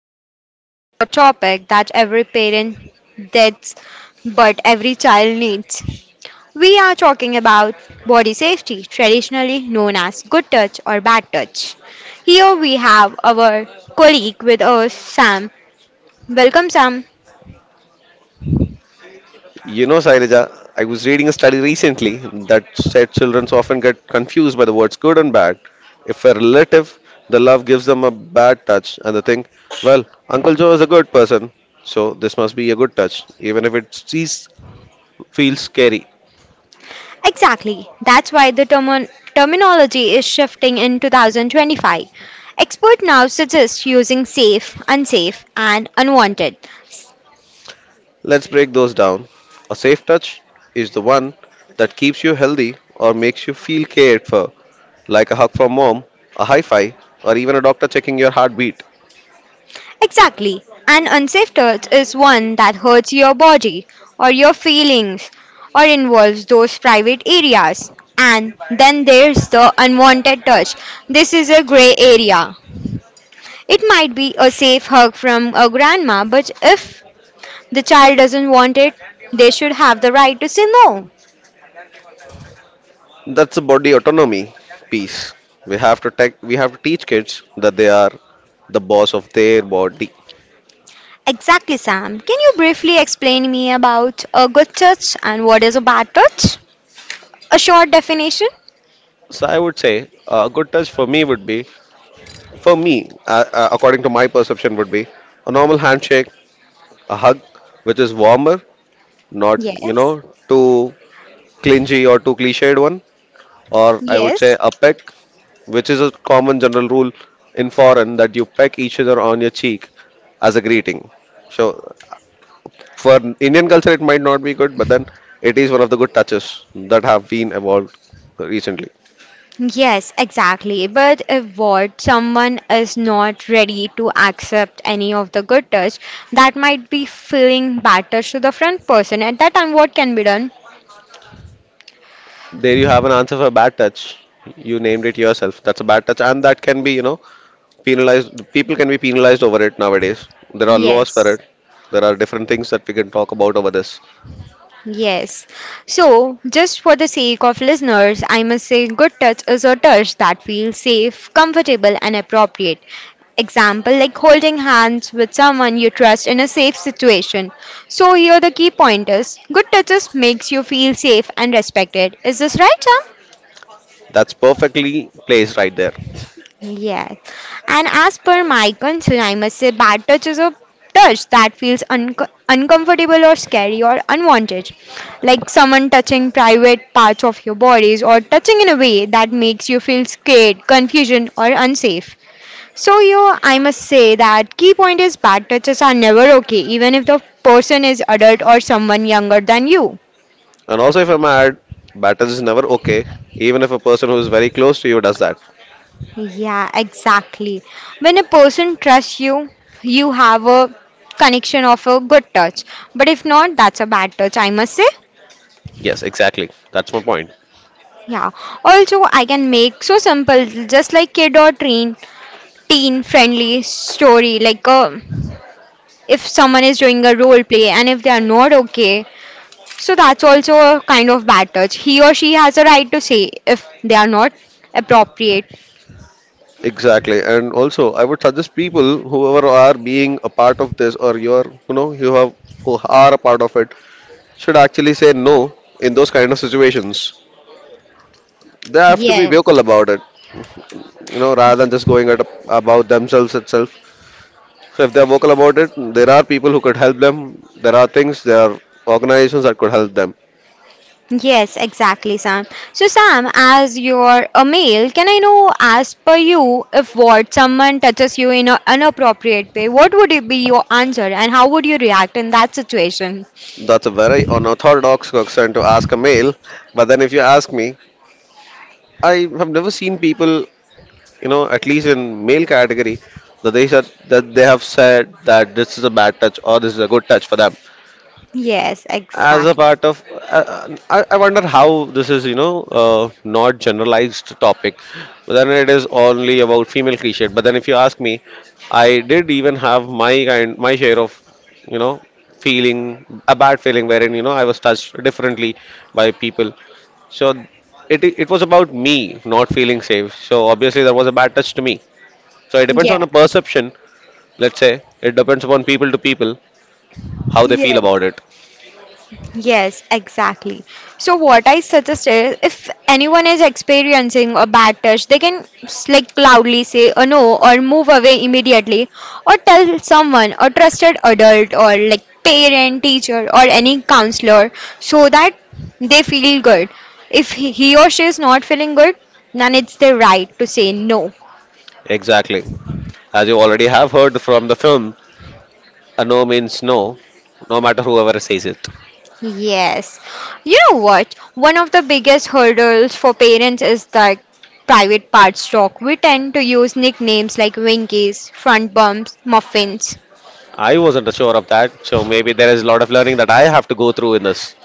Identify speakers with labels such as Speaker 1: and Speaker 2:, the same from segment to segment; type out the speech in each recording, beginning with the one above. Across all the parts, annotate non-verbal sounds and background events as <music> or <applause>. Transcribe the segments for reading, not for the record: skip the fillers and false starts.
Speaker 1: we are talking a topic that every parent does but every child needs. We are talking about body safety, traditionally known as good touch or bad touch. Here we have our colleague with us, Sam. Welcome, Sam.
Speaker 2: You know, Sailija, I was reading a study recently that said children often get confused by the words good and bad. If a relative, the love gives them a bad touch, and they think, well, Uncle Joe is a good person, so this must be a good touch, even if it feels scary.
Speaker 1: Exactly. That's why the terminology is shifting in 2025. Expert now suggests using safe, unsafe, and unwanted.
Speaker 2: Let's break those down. A safe touch is the one that keeps you healthy or makes you feel cared for, like a hug from Mom, a high five, or even a doctor checking your heartbeat.
Speaker 1: Exactly. An unsafe touch is one that hurts your body or your feelings or involves those private areas. And then there's the unwanted touch. This is a gray area. It might be a safe hug from a grandma, but if the child doesn't want it, they should have the right to say no.
Speaker 2: That's a body autonomy piece. We have to teach kids that they are the boss of their body.
Speaker 1: Exactly, Sam. Can you briefly explain me about a good touch and what is a bad touch? A short definition?
Speaker 2: So I would say a good touch for me would be, for me, according to my perception, would be a normal handshake, a hug, which is warmer, not
Speaker 1: Yes.
Speaker 2: too clingy or too cliched one. Or I would say
Speaker 1: Yes.
Speaker 2: a peck, which is a common general rule in foreign that you peck each other on your cheek as a greeting. So for Indian culture, it might not be good, but then it is one of the good touches that have been evolved recently.
Speaker 1: Yes, exactly. But if what someone is not ready to accept any of the good touch, that might be feeling bad touch to the front person. At that time, what can be done?
Speaker 2: There you have an answer for bad touch. You named it yourself. That's a bad touch, and that can be, you know, penalized. People can be penalized over it nowadays. There are laws for it.
Speaker 1: Yes.
Speaker 2: There are different things that we can talk about over this.
Speaker 1: Yes. So, just for the sake of listeners, I must say good touch is a touch that feels safe, comfortable, and appropriate. Example like holding hands with someone you trust in a safe situation. So, here the key point is good touches makes you feel safe and respected. Is this right, Sam?
Speaker 2: That's perfectly placed right there.
Speaker 1: Yes. And as per my concern, I must say bad touch is a touch that feels un uncomfortable or scary or unwanted. Like someone touching private parts of your bodies or touching in a way that makes you feel scared, confusion, or unsafe. So you, I must say that key point is bad touches are never okay, even if the person is adult or someone younger than you.
Speaker 2: And also, if I may add, bad touch is never okay, even if a person who is very close to you does that.
Speaker 1: Yeah, exactly. When a person trusts you, you have a connection of a good touch. But if not, that's a bad touch, I must say.
Speaker 2: Yes, exactly. That's my point.
Speaker 1: Yeah. Also, I can make so simple, just like kid or teen friendly story. Like if someone is doing a role play and if they are not okay, so that's also a kind of bad touch. He or she has a right to say if they are not appropriate.
Speaker 2: Exactly. And also, I would suggest people, whoever are being a part of this or you're, you know, you have, who are a part of it, should actually say no in those kind of situations. They have to be
Speaker 1: Yeah.
Speaker 2: vocal about it, you know, rather than just going at about themselves itself. So if they're vocal about it, there are people who could help them. There are organizations that could help them.
Speaker 1: Yes, exactly, Sam. So, Sam, as you're a male, can I know, as per you, if what someone touches you in an inappropriate way, what would it be your answer and how would you react in that situation?
Speaker 2: That's a very unorthodox question to ask a male. But then if you ask me, I have never seen people, you know, at least in male category, that they have said that this is a bad touch or this is a good touch for them
Speaker 1: Yes,
Speaker 2: as a
Speaker 1: exactly.
Speaker 2: part of I wonder how this is, you know, not generalized topic, but then it is only about female cliche. But then if you ask me, I did even have my share of, you know, feeling a bad feeling, wherein, you know, I was touched differently by people. So it was about me not feeling safe, so obviously there was a bad touch to me. So it depends on
Speaker 1: Yeah.
Speaker 2: a perception. Let's say it depends upon people to people how they feel
Speaker 1: Yeah.
Speaker 2: about it.
Speaker 1: Yes, exactly. So what I suggest is if anyone is experiencing a bad touch, they can like loudly say a no or move away immediately, or tell someone, a trusted adult or like parent, teacher or any counselor, so that they feel good. If he or she is not feeling good, then it's their right to say no.
Speaker 2: Exactly. As you already have heard from the film, a no means no, no matter whoever says it.
Speaker 1: Yes. You know what? One of the biggest hurdles for parents is that private parts talk. We tend to use nicknames like Winkies, Front Bumps, Muffins.
Speaker 2: I wasn't sure of that, so maybe there is a lot of learning that I have to go through in this.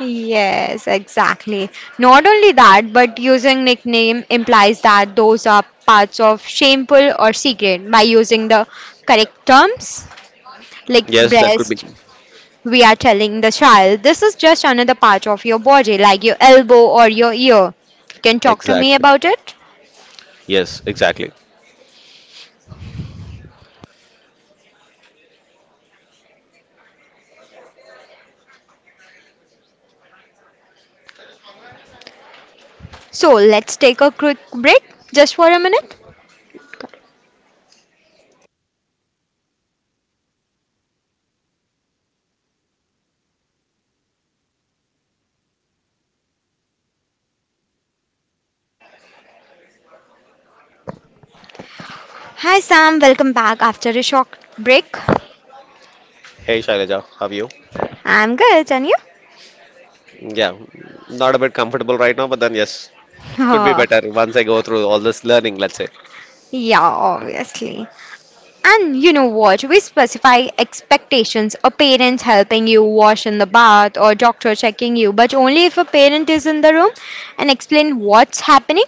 Speaker 1: Yes, exactly. Not only that, but using nickname implies that those are parts of shameful or secret. By using the correct terms, like
Speaker 2: Yes, that could be.
Speaker 1: breast, we are telling the child this is just another part of your body, like your elbow or your ear. You can talk to me
Speaker 2: Exactly.
Speaker 1: about it.
Speaker 2: Yes, exactly.
Speaker 1: So let's take a quick break just for a minute. Hi Sam, welcome back after a short break.
Speaker 2: Hey Shailaja, how are you?
Speaker 1: I'm good, and you? <laughs>
Speaker 2: Yeah, not a bit comfortable right now, but then yes, could be
Speaker 1: Oh,
Speaker 2: better once I go through all this learning, let's say.
Speaker 1: yeah, obviously. And you know what? We specify expectations. A parent helping you wash in the bath or doctor checking you, but only if a parent is in the room and explain what's happening.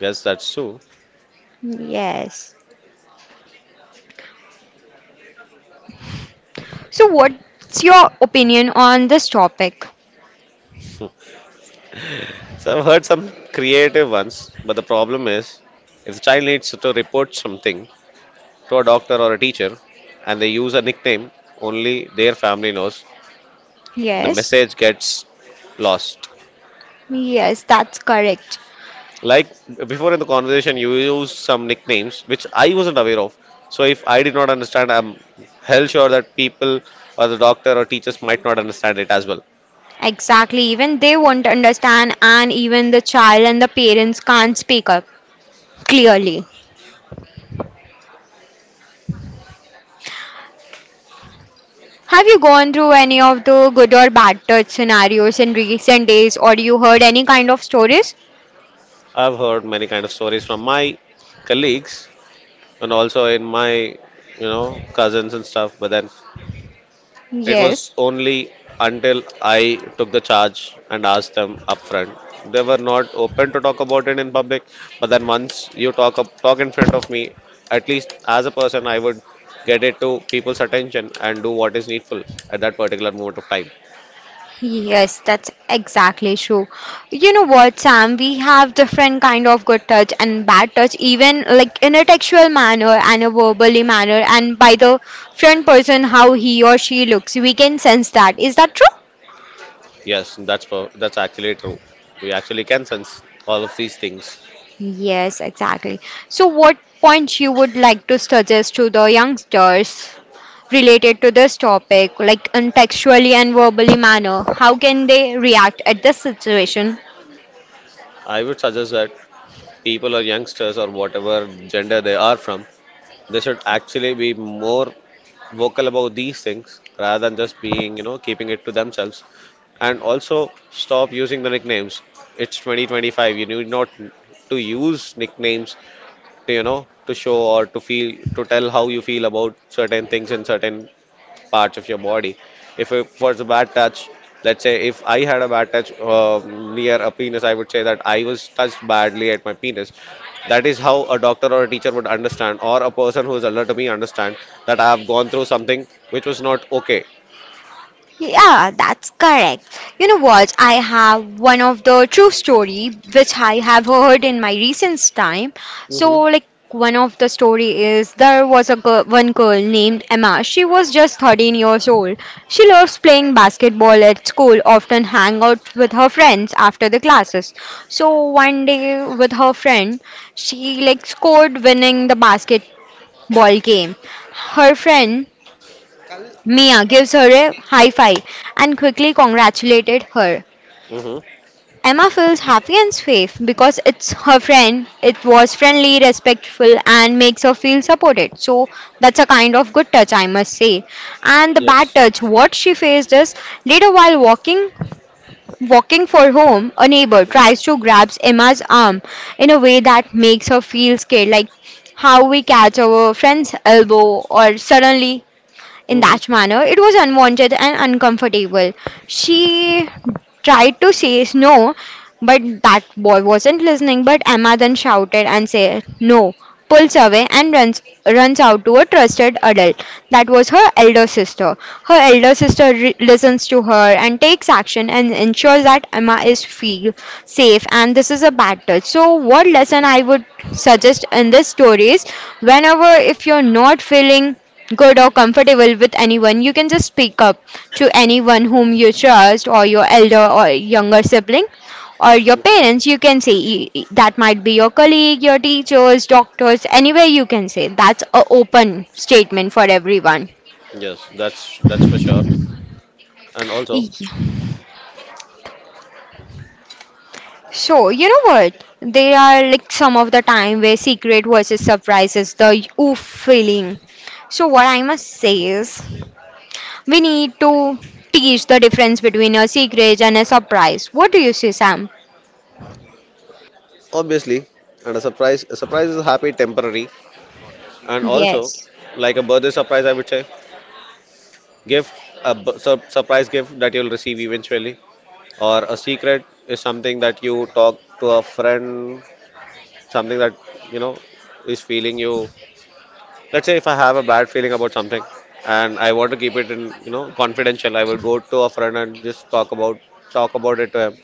Speaker 2: Yes, that's true.
Speaker 1: Yes. So what's your opinion on this topic?
Speaker 2: <laughs> So I've heard some creative ones, but the problem is if the child needs to report something to a doctor or a teacher and they use a nickname only their family knows, the
Speaker 1: Yes.
Speaker 2: message gets lost.
Speaker 1: Yes, that's correct.
Speaker 2: Like before in the conversation, you used some nicknames which I wasn't aware of. So if I did not understand, I'm hell sure that people or the doctor or teachers might not understand it as well.
Speaker 1: Exactly, even they won't understand, and even the child and the parents can't speak up clearly. Have you gone through any of the good or bad touch scenarios in recent days, or you heard any kind of stories?
Speaker 2: I've heard many kind of stories from my colleagues and also in my, you know, cousins and stuff, but then it
Speaker 1: Yes.
Speaker 2: was only until I took the charge and asked them upfront. They were not open to talk about it in public, but then once you talk in front of me, at least as a person, I would get it to people's attention and do what is needful at that particular moment of time.
Speaker 1: Yes, that's exactly true. You know what, Sam? We have different kind of good touch and bad touch, even like in a textual manner and a verbally manner, and by the front person how he or she looks, we can sense that. Is that true?
Speaker 2: That's actually true. We actually can sense all of these things.
Speaker 1: Yes, exactly. So, what point you would like to suggest to the youngsters related to this topic, like in textually and verbally manner? How can they react at this situation?
Speaker 2: I would suggest that people or youngsters or whatever gender they are from, they should actually be more vocal about these things rather than just being, you know, keeping it to themselves. And also stop using the nicknames. It's 2025. You need not to use nicknames to, you know, to show or to feel, to tell how you feel about certain things in certain parts of your body. If it was a bad touch, let's say if I had a bad touch near a penis, I would say that I was touched badly at my penis. That is how a doctor or a teacher would understand, or a person who is alert to me understand that I have gone through something which was not okay.
Speaker 1: Yeah, that's correct. You know what? I have one of the true story which I have heard in my recent time.
Speaker 2: Mm-hmm.
Speaker 1: So like one of the story is there was a girl, one girl named Emma. She was just 13 years old. She loves playing basketball at school, often hang out with her friends after the classes. So one day with her friend, she like scored winning the basket ball game. Her friend Mia gives her a high five and quickly congratulated her.
Speaker 2: Mm-hmm.
Speaker 1: Emma feels happy and safe because it's her friend. It was friendly, respectful, and makes her feel supported. So that's a kind of good touch, I must say. And the bad
Speaker 2: Yes.
Speaker 1: touch, what she faced is later while walking for home, a neighbor
Speaker 2: Mm-hmm.
Speaker 1: tries to grab Emma's arm in a way that makes her feel scared, like how we catch our friend's elbow or suddenly in
Speaker 2: Mm-hmm.
Speaker 1: that manner. It was unwanted and uncomfortable. She tried to say no, but that boy wasn't listening. But Emma then shouted and said no, pulls away and runs out to a trusted adult. That was her elder sister. Her elder sister listens to her and takes action and ensures that Emma is feel safe and this is a bad touch. So what lesson
Speaker 2: Mm-hmm.
Speaker 1: I would suggest in this story is whenever if you're not feeling good or comfortable with anyone, you can just speak up to anyone whom you trust, or your elder or younger sibling, or your
Speaker 2: Mm-hmm.
Speaker 1: parents. You can say that might be your colleague, your teachers, doctors, anywhere you can say. That's a open statement for everyone.
Speaker 2: Yes, that's for sure. And also,
Speaker 1: Yeah. So, you know what? There are like some of the time where secret versus surprise is the oof feeling. So, what I must say is, we need to teach the difference between a secret and a surprise. What do you say, Sam?
Speaker 2: obviously, and a surprise is happy temporary. And also,
Speaker 1: Yes.
Speaker 2: like a birthday surprise, I would say. Gift, surprise gift that you'll receive eventually, or a secret is something that you talk to a friend, something that, you know, is feeling you. Let's say if I have a bad feeling about something and I want to keep it in, you know, confidential, I will go to a friend and just talk about it to him.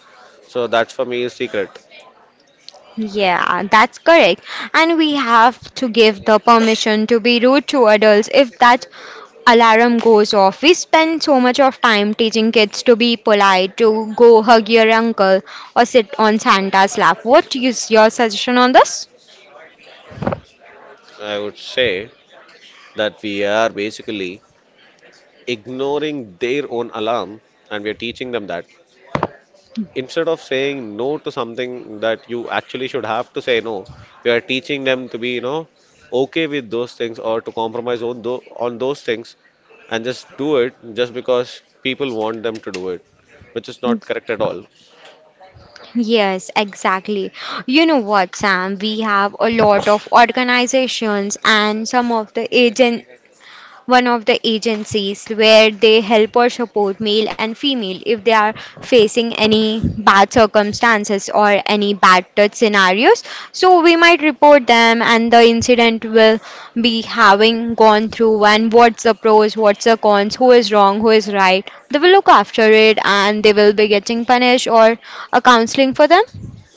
Speaker 2: So that's for me a secret.
Speaker 1: Yeah, that's correct. And we have to give the permission to be rude to adults if that alarm goes off. We spend so much of time teaching kids to be polite, to go hug your uncle or sit on Santa's lap. What is your suggestion on this?
Speaker 2: I would say that we are basically ignoring their own alarm and we are teaching them that. Instead of saying no to something that you actually should have to say no, we are teaching them to be, you know, okay with those things or to compromise on, on those things and just do it just because people want them to do it, which is not correct at all.
Speaker 1: Yes, exactly. You know what, Sam? We have a lot of organizations and some of the agent one of the agencies where they help or support male and female if they are facing any bad circumstances or any bad touch scenarios, so we might report them, and the incident will be having gone through, and what's the pros, what's the cons, who is wrong, who is right, they will look after it, and they will be getting punished or a counseling for them.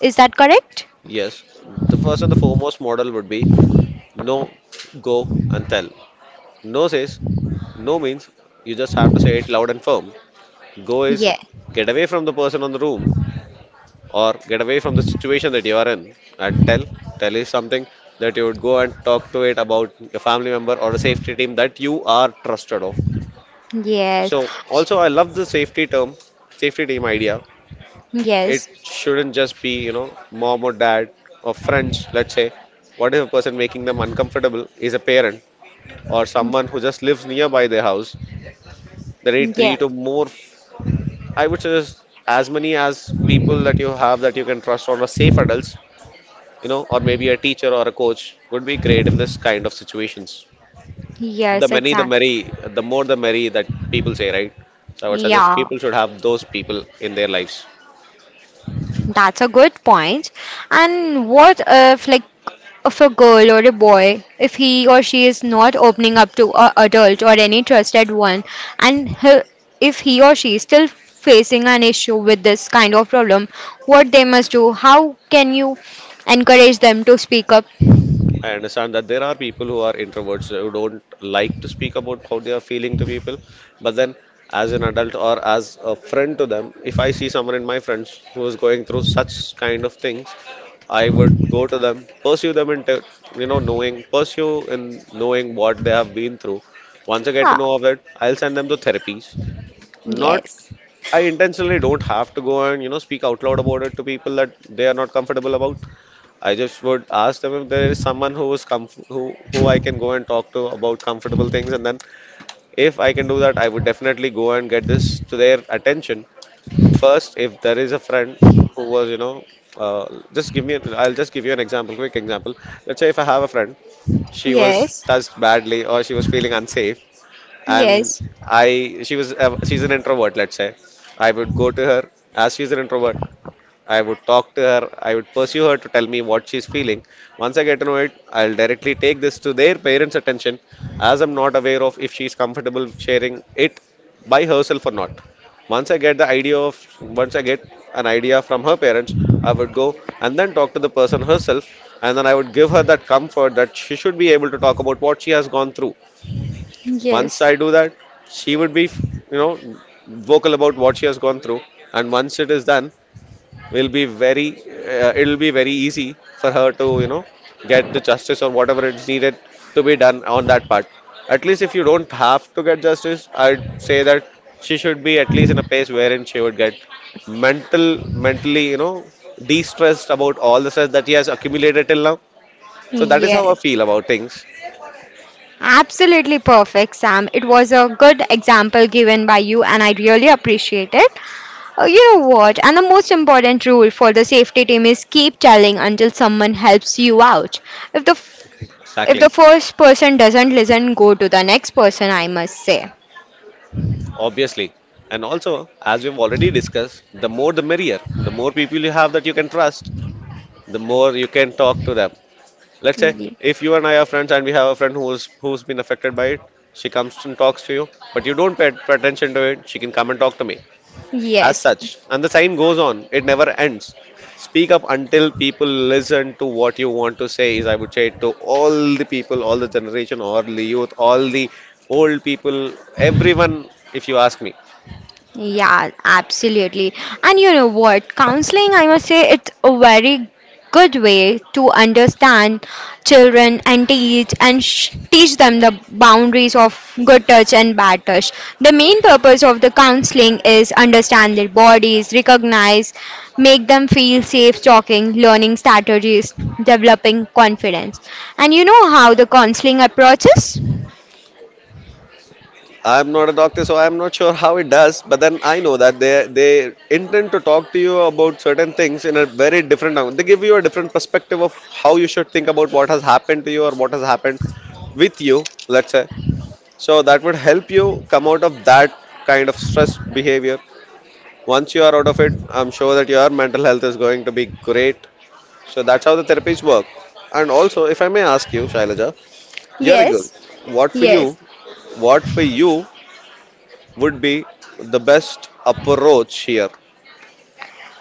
Speaker 1: Is that correct?
Speaker 2: Yes, the first and the foremost model would be no, go, and tell. No says no means you just have to say it loud and firm. Go is
Speaker 1: Yeah.
Speaker 2: get away from the person on the room or get away from the situation that you are in, and tell. Tell is something that you would go and talk to it about your family member or a safety team that you are trusted of.
Speaker 1: Yes.
Speaker 2: So also I love the safety team idea. It
Speaker 1: Yes.
Speaker 2: shouldn't just be, you know, mom or dad or friends, let's say. What if a person making them uncomfortable is a parent or someone who just lives nearby their house? They need three
Speaker 1: Yeah.
Speaker 2: to more, I would suggest, as many as people that you have that you can trust or are safe adults, you know, or maybe a teacher or a coach would be great in this kind of situations. The
Speaker 1: Yes,
Speaker 2: many, the
Speaker 1: exactly.
Speaker 2: merry, the more the merry that people say, right? So I would suggest
Speaker 1: Yeah,
Speaker 2: people should have those people in their lives.
Speaker 1: that's a good point. And what if, like, if a girl or a boy, if he or she is not opening up to a adult or any trusted one, and he, if he or she is still facing an issue with this kind of problem, what they must do? How can you encourage them to speak up?
Speaker 2: I understand that there are people who are introverts who don't like to speak about how they are feeling to people, but then as an adult or as a friend to them, if I see someone in my friends who is going through such kind of things, I would go to them, pursue them into, you know, pursue in knowing what they have been through. Once I get to
Speaker 1: Ah.
Speaker 2: know of it, I'll send them to therapies. Not
Speaker 1: Yes,
Speaker 2: I intentionally don't have to go and, you know, speak out loud about it to people that they are not comfortable about. I just would ask them if there is someone who is who I can go and talk to about comfortable things, and then if I can do that, I would definitely go and get this to their attention first. If there is a friend who was, you know, just give me, an, I'll just give you an example, quick example. Let's say if I have a friend, she was
Speaker 1: yes,
Speaker 2: touched badly or she was feeling unsafe, and
Speaker 1: yes,
Speaker 2: she was, she's an introvert. Let's say I would go to her as she's an introvert. I would talk to her, I would pursue her to tell me what she's feeling. Once I get to know it, I'll directly take this to their parents' attention as I'm not aware of if she's comfortable sharing it by herself or not. Once I get the idea of, Once I get an idea from her parents, I would go and then talk to the person herself, and then I would give her that comfort that she should be able to talk about what she has gone through. Once
Speaker 1: yes,
Speaker 2: I do that, she would be, you know, vocal about what she has gone through, and once it is done, will be very it'll be very easy for her to get the justice or whatever is needed to be done on that part. At least if you don't have to get justice, I'd say that she should be at least in a place wherein she would get mental mentally, de-stressed about all the stress that he has accumulated till now. So that is how I
Speaker 1: yes.
Speaker 2: feel about things.
Speaker 1: Absolutely perfect, Sam. It was a good example given by you, and I really appreciate it. You know what? And the most important rule for the safety team is keep telling until someone helps you out. If the f- if
Speaker 2: Exactly,
Speaker 1: the first person doesn't listen, go to the next person. I must say.
Speaker 2: obviously. And also, as we've already discussed, the more the merrier. The more people you have that you can trust, the more you can talk to them. Let's say
Speaker 1: Ye-
Speaker 2: if you and I are friends and we have a friend who's been affected by it, she comes and talks to you, but you don't pay attention to it. She can come and talk to me. As
Speaker 1: Yes.
Speaker 2: such, and the sign goes on. It never ends. Speak up until people listen to what you want to say. Is I would say to all the people, all the generation, all the youth, all the old people, everyone. If you ask me.
Speaker 1: Yeah, absolutely. And you know what? Counseling, I must say, it's a very good way to understand children and teach and teach them the boundaries of good touch and bad touch. The main purpose of the counseling is understand their bodies, recognize, make them feel safe talking, learning strategies, developing confidence. And you know how the counseling approaches?
Speaker 2: I'm not a doctor, so I'm not sure how it does. But then I know that they intend to talk to you about certain things in a very different angle. They give you a different perspective of how you should think about what has happened to you or what has happened with you. Let's say, so that would help you come out of that kind of stress behavior. Once you are out of it, I'm sure that your mental health is going to be great. So that's how the therapies work. And also, if I may ask you, Shailaja, you're a girl.
Speaker 1: Yes.
Speaker 2: What for
Speaker 1: Yes.
Speaker 2: you? What for you would be the best approach here.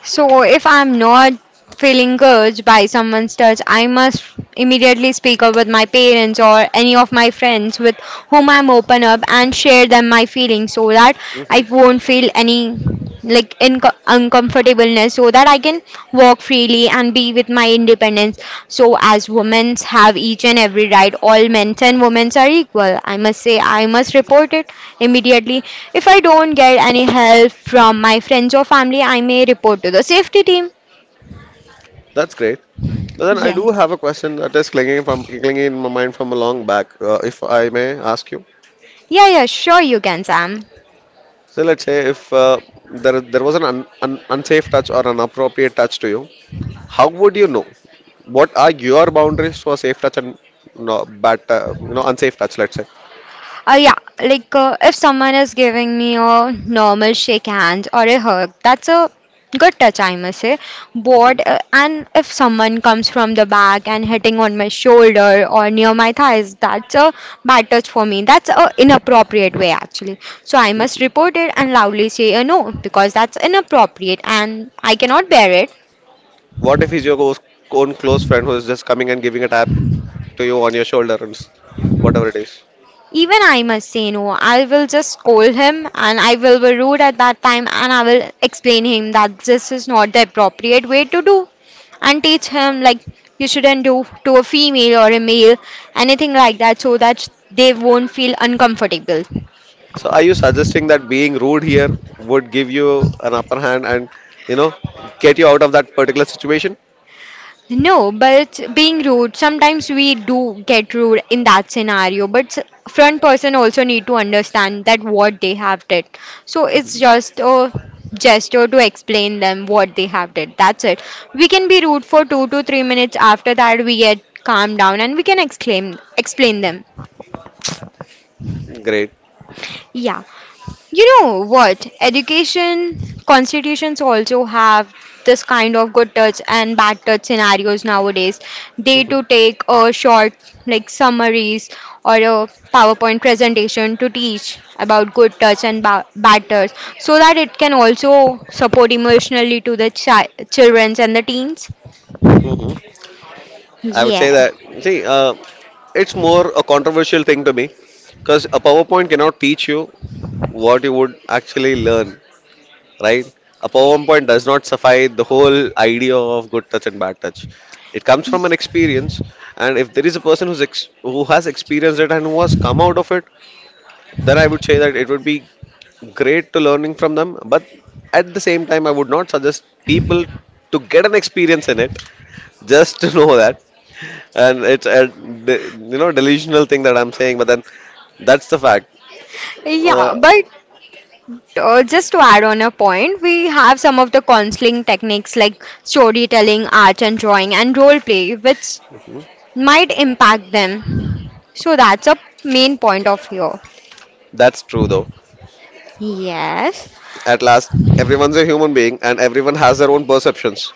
Speaker 1: So, if I'm not feeling good by someone's touch, I must immediately speak up with my parents or any of my friends with whom I'm open up and share them my feelings, so that
Speaker 2: Hmm.
Speaker 1: I won't feel any like in uncomfortableness, so that I can walk freely and be with my independence. So, as women have each and every right, all men and women are equal. I must say, I must report it immediately. If I don't get any help from my friends or family, I may report to the safety team.
Speaker 2: That's great. But then I
Speaker 1: Yes.
Speaker 2: do have a question that is clinging from clinging in my mind from a long back, if I may ask you.
Speaker 1: Yeah, yeah, sure you can, Sam.
Speaker 2: So let's say if there was an unsafe touch or an appropriate touch to you, how would you know? What are your boundaries for safe touch and no, bad, unsafe touch? Let's say.
Speaker 1: Yeah, like if someone is giving me a normal shake hand or a hug, that's a good touch, I must say. Bored, and if someone comes from the back and hitting on my shoulder or near my thighs, that's a bad touch for me. That's a inappropriate way actually. So I must report it and loudly say a no because that's inappropriate and I cannot bear it.
Speaker 2: What if he's your own close friend who is just coming and giving a tap to you on your shoulder and whatever it is?
Speaker 1: Even I must say no. I will just scold him and I will be rude at that time and I will explain him that this is not the appropriate way to do, and teach him like you shouldn't do to a female or a male anything like that, so that they won't feel uncomfortable.
Speaker 2: So are you suggesting that being rude here would give you an upper hand and, you know get you out of that particular situation?
Speaker 1: No, but being rude, sometimes we do get rude in that scenario, but front person also need to understand that what they have did. So it's just a gesture to explain them what they have did. That's it. We can be rude for 2 to 3 minutes, after that we get calmed down and we can exclaim explain them.
Speaker 2: Great.
Speaker 1: Yeah. You know what? Education constitutions also have this kind of good touch and bad touch scenarios nowadays. They to
Speaker 2: Hmm.
Speaker 1: take a short like summaries or a PowerPoint presentation to teach about good touch and bad touch, so that it can also support emotionally to the children and the teens.
Speaker 2: Hmm. I would
Speaker 1: Yeah.
Speaker 2: say that. See, it's more a controversial thing to me because a PowerPoint cannot teach you what you would actually learn, right? A PowerPoint does not suffice the whole idea of good touch and bad touch. It comes from an experience, and if there is a person who has experienced it and who has come out of it, then I would say that it would be great to learning from them, but at the same time I would not suggest people to get an experience in it just to know that. And it's a de- delusional thing that I'm saying, but then that's the fact.
Speaker 1: Yeah,
Speaker 2: uh,
Speaker 1: but just to add on a point, we have some of the counseling techniques like storytelling, art and drawing, and role play, which might impact them. So that's a main point of here.
Speaker 2: that's true though.
Speaker 1: Yes,
Speaker 2: At last, everyone's a human being and everyone has their own perceptions.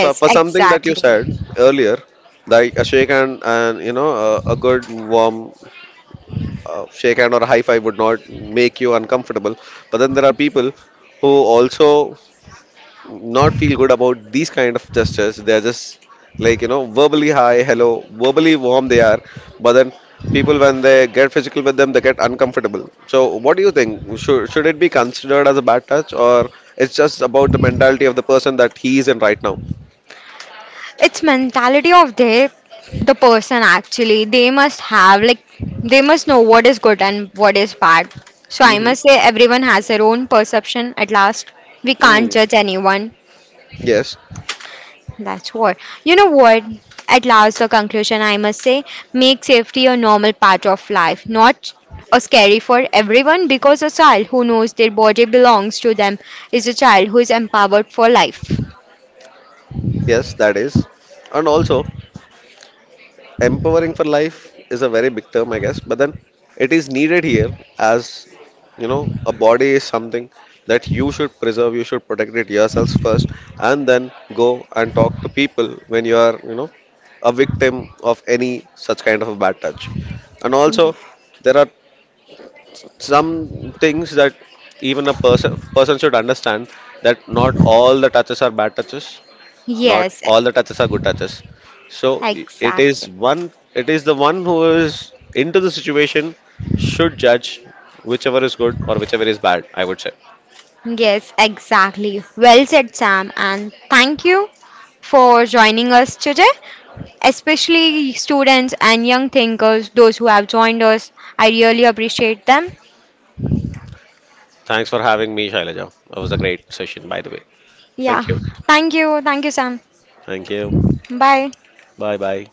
Speaker 2: So for something that you
Speaker 1: exactly.
Speaker 2: said earlier, like a shake hand and, a good warm, shake hand or a high five would not make you uncomfortable, but then there are people who also not feel good about these kind of gestures. They're just, verbally hi, hello, verbally warm they are, but then people when they get physical with them, they get uncomfortable. So what do you think? Should it be considered as a bad touch, or it's just about the mentality of the person that he is in right now?
Speaker 1: It's mentality of the person actually. They must have like they must know what is good and what is bad. So I
Speaker 2: Mm-hmm.
Speaker 1: must say everyone has their own perception. At last, we can't
Speaker 2: Mm.
Speaker 1: judge anyone.
Speaker 2: Yes,
Speaker 1: That's what. You know what? At last, the conclusion I must say make safety a normal part of life, not a scary for everyone, because a child who knows their body belongs to them is a child who is empowered for life.
Speaker 2: yes, that is, and also. Empowering for life is a very big term, I guess, but then it is needed here as, you know, a body is something that you should preserve, you should protect it yourselves first, and then go and talk to people when you are, you know, a victim of any such kind of a bad touch. And also,
Speaker 1: Y-
Speaker 2: there are some things that even a person should understand that not all the touches are bad touches, not
Speaker 1: Yes,
Speaker 2: all the touches are good touches. So it is
Speaker 1: exactly.
Speaker 2: one. It is the one who is into the situation should judge whichever is good or whichever is bad. I would say.
Speaker 1: Yes, exactly. Well said, Sam, and thank you for joining us today, especially students and young thinkers, those who have joined us. I really appreciate them.
Speaker 2: Thanks for having me, Shailaja. It was a great session, by the way.
Speaker 1: Yeah.
Speaker 2: Thank you.
Speaker 1: Thank you. Thank you, Sam.
Speaker 2: Thank you.
Speaker 1: Bye.
Speaker 2: Bye bye.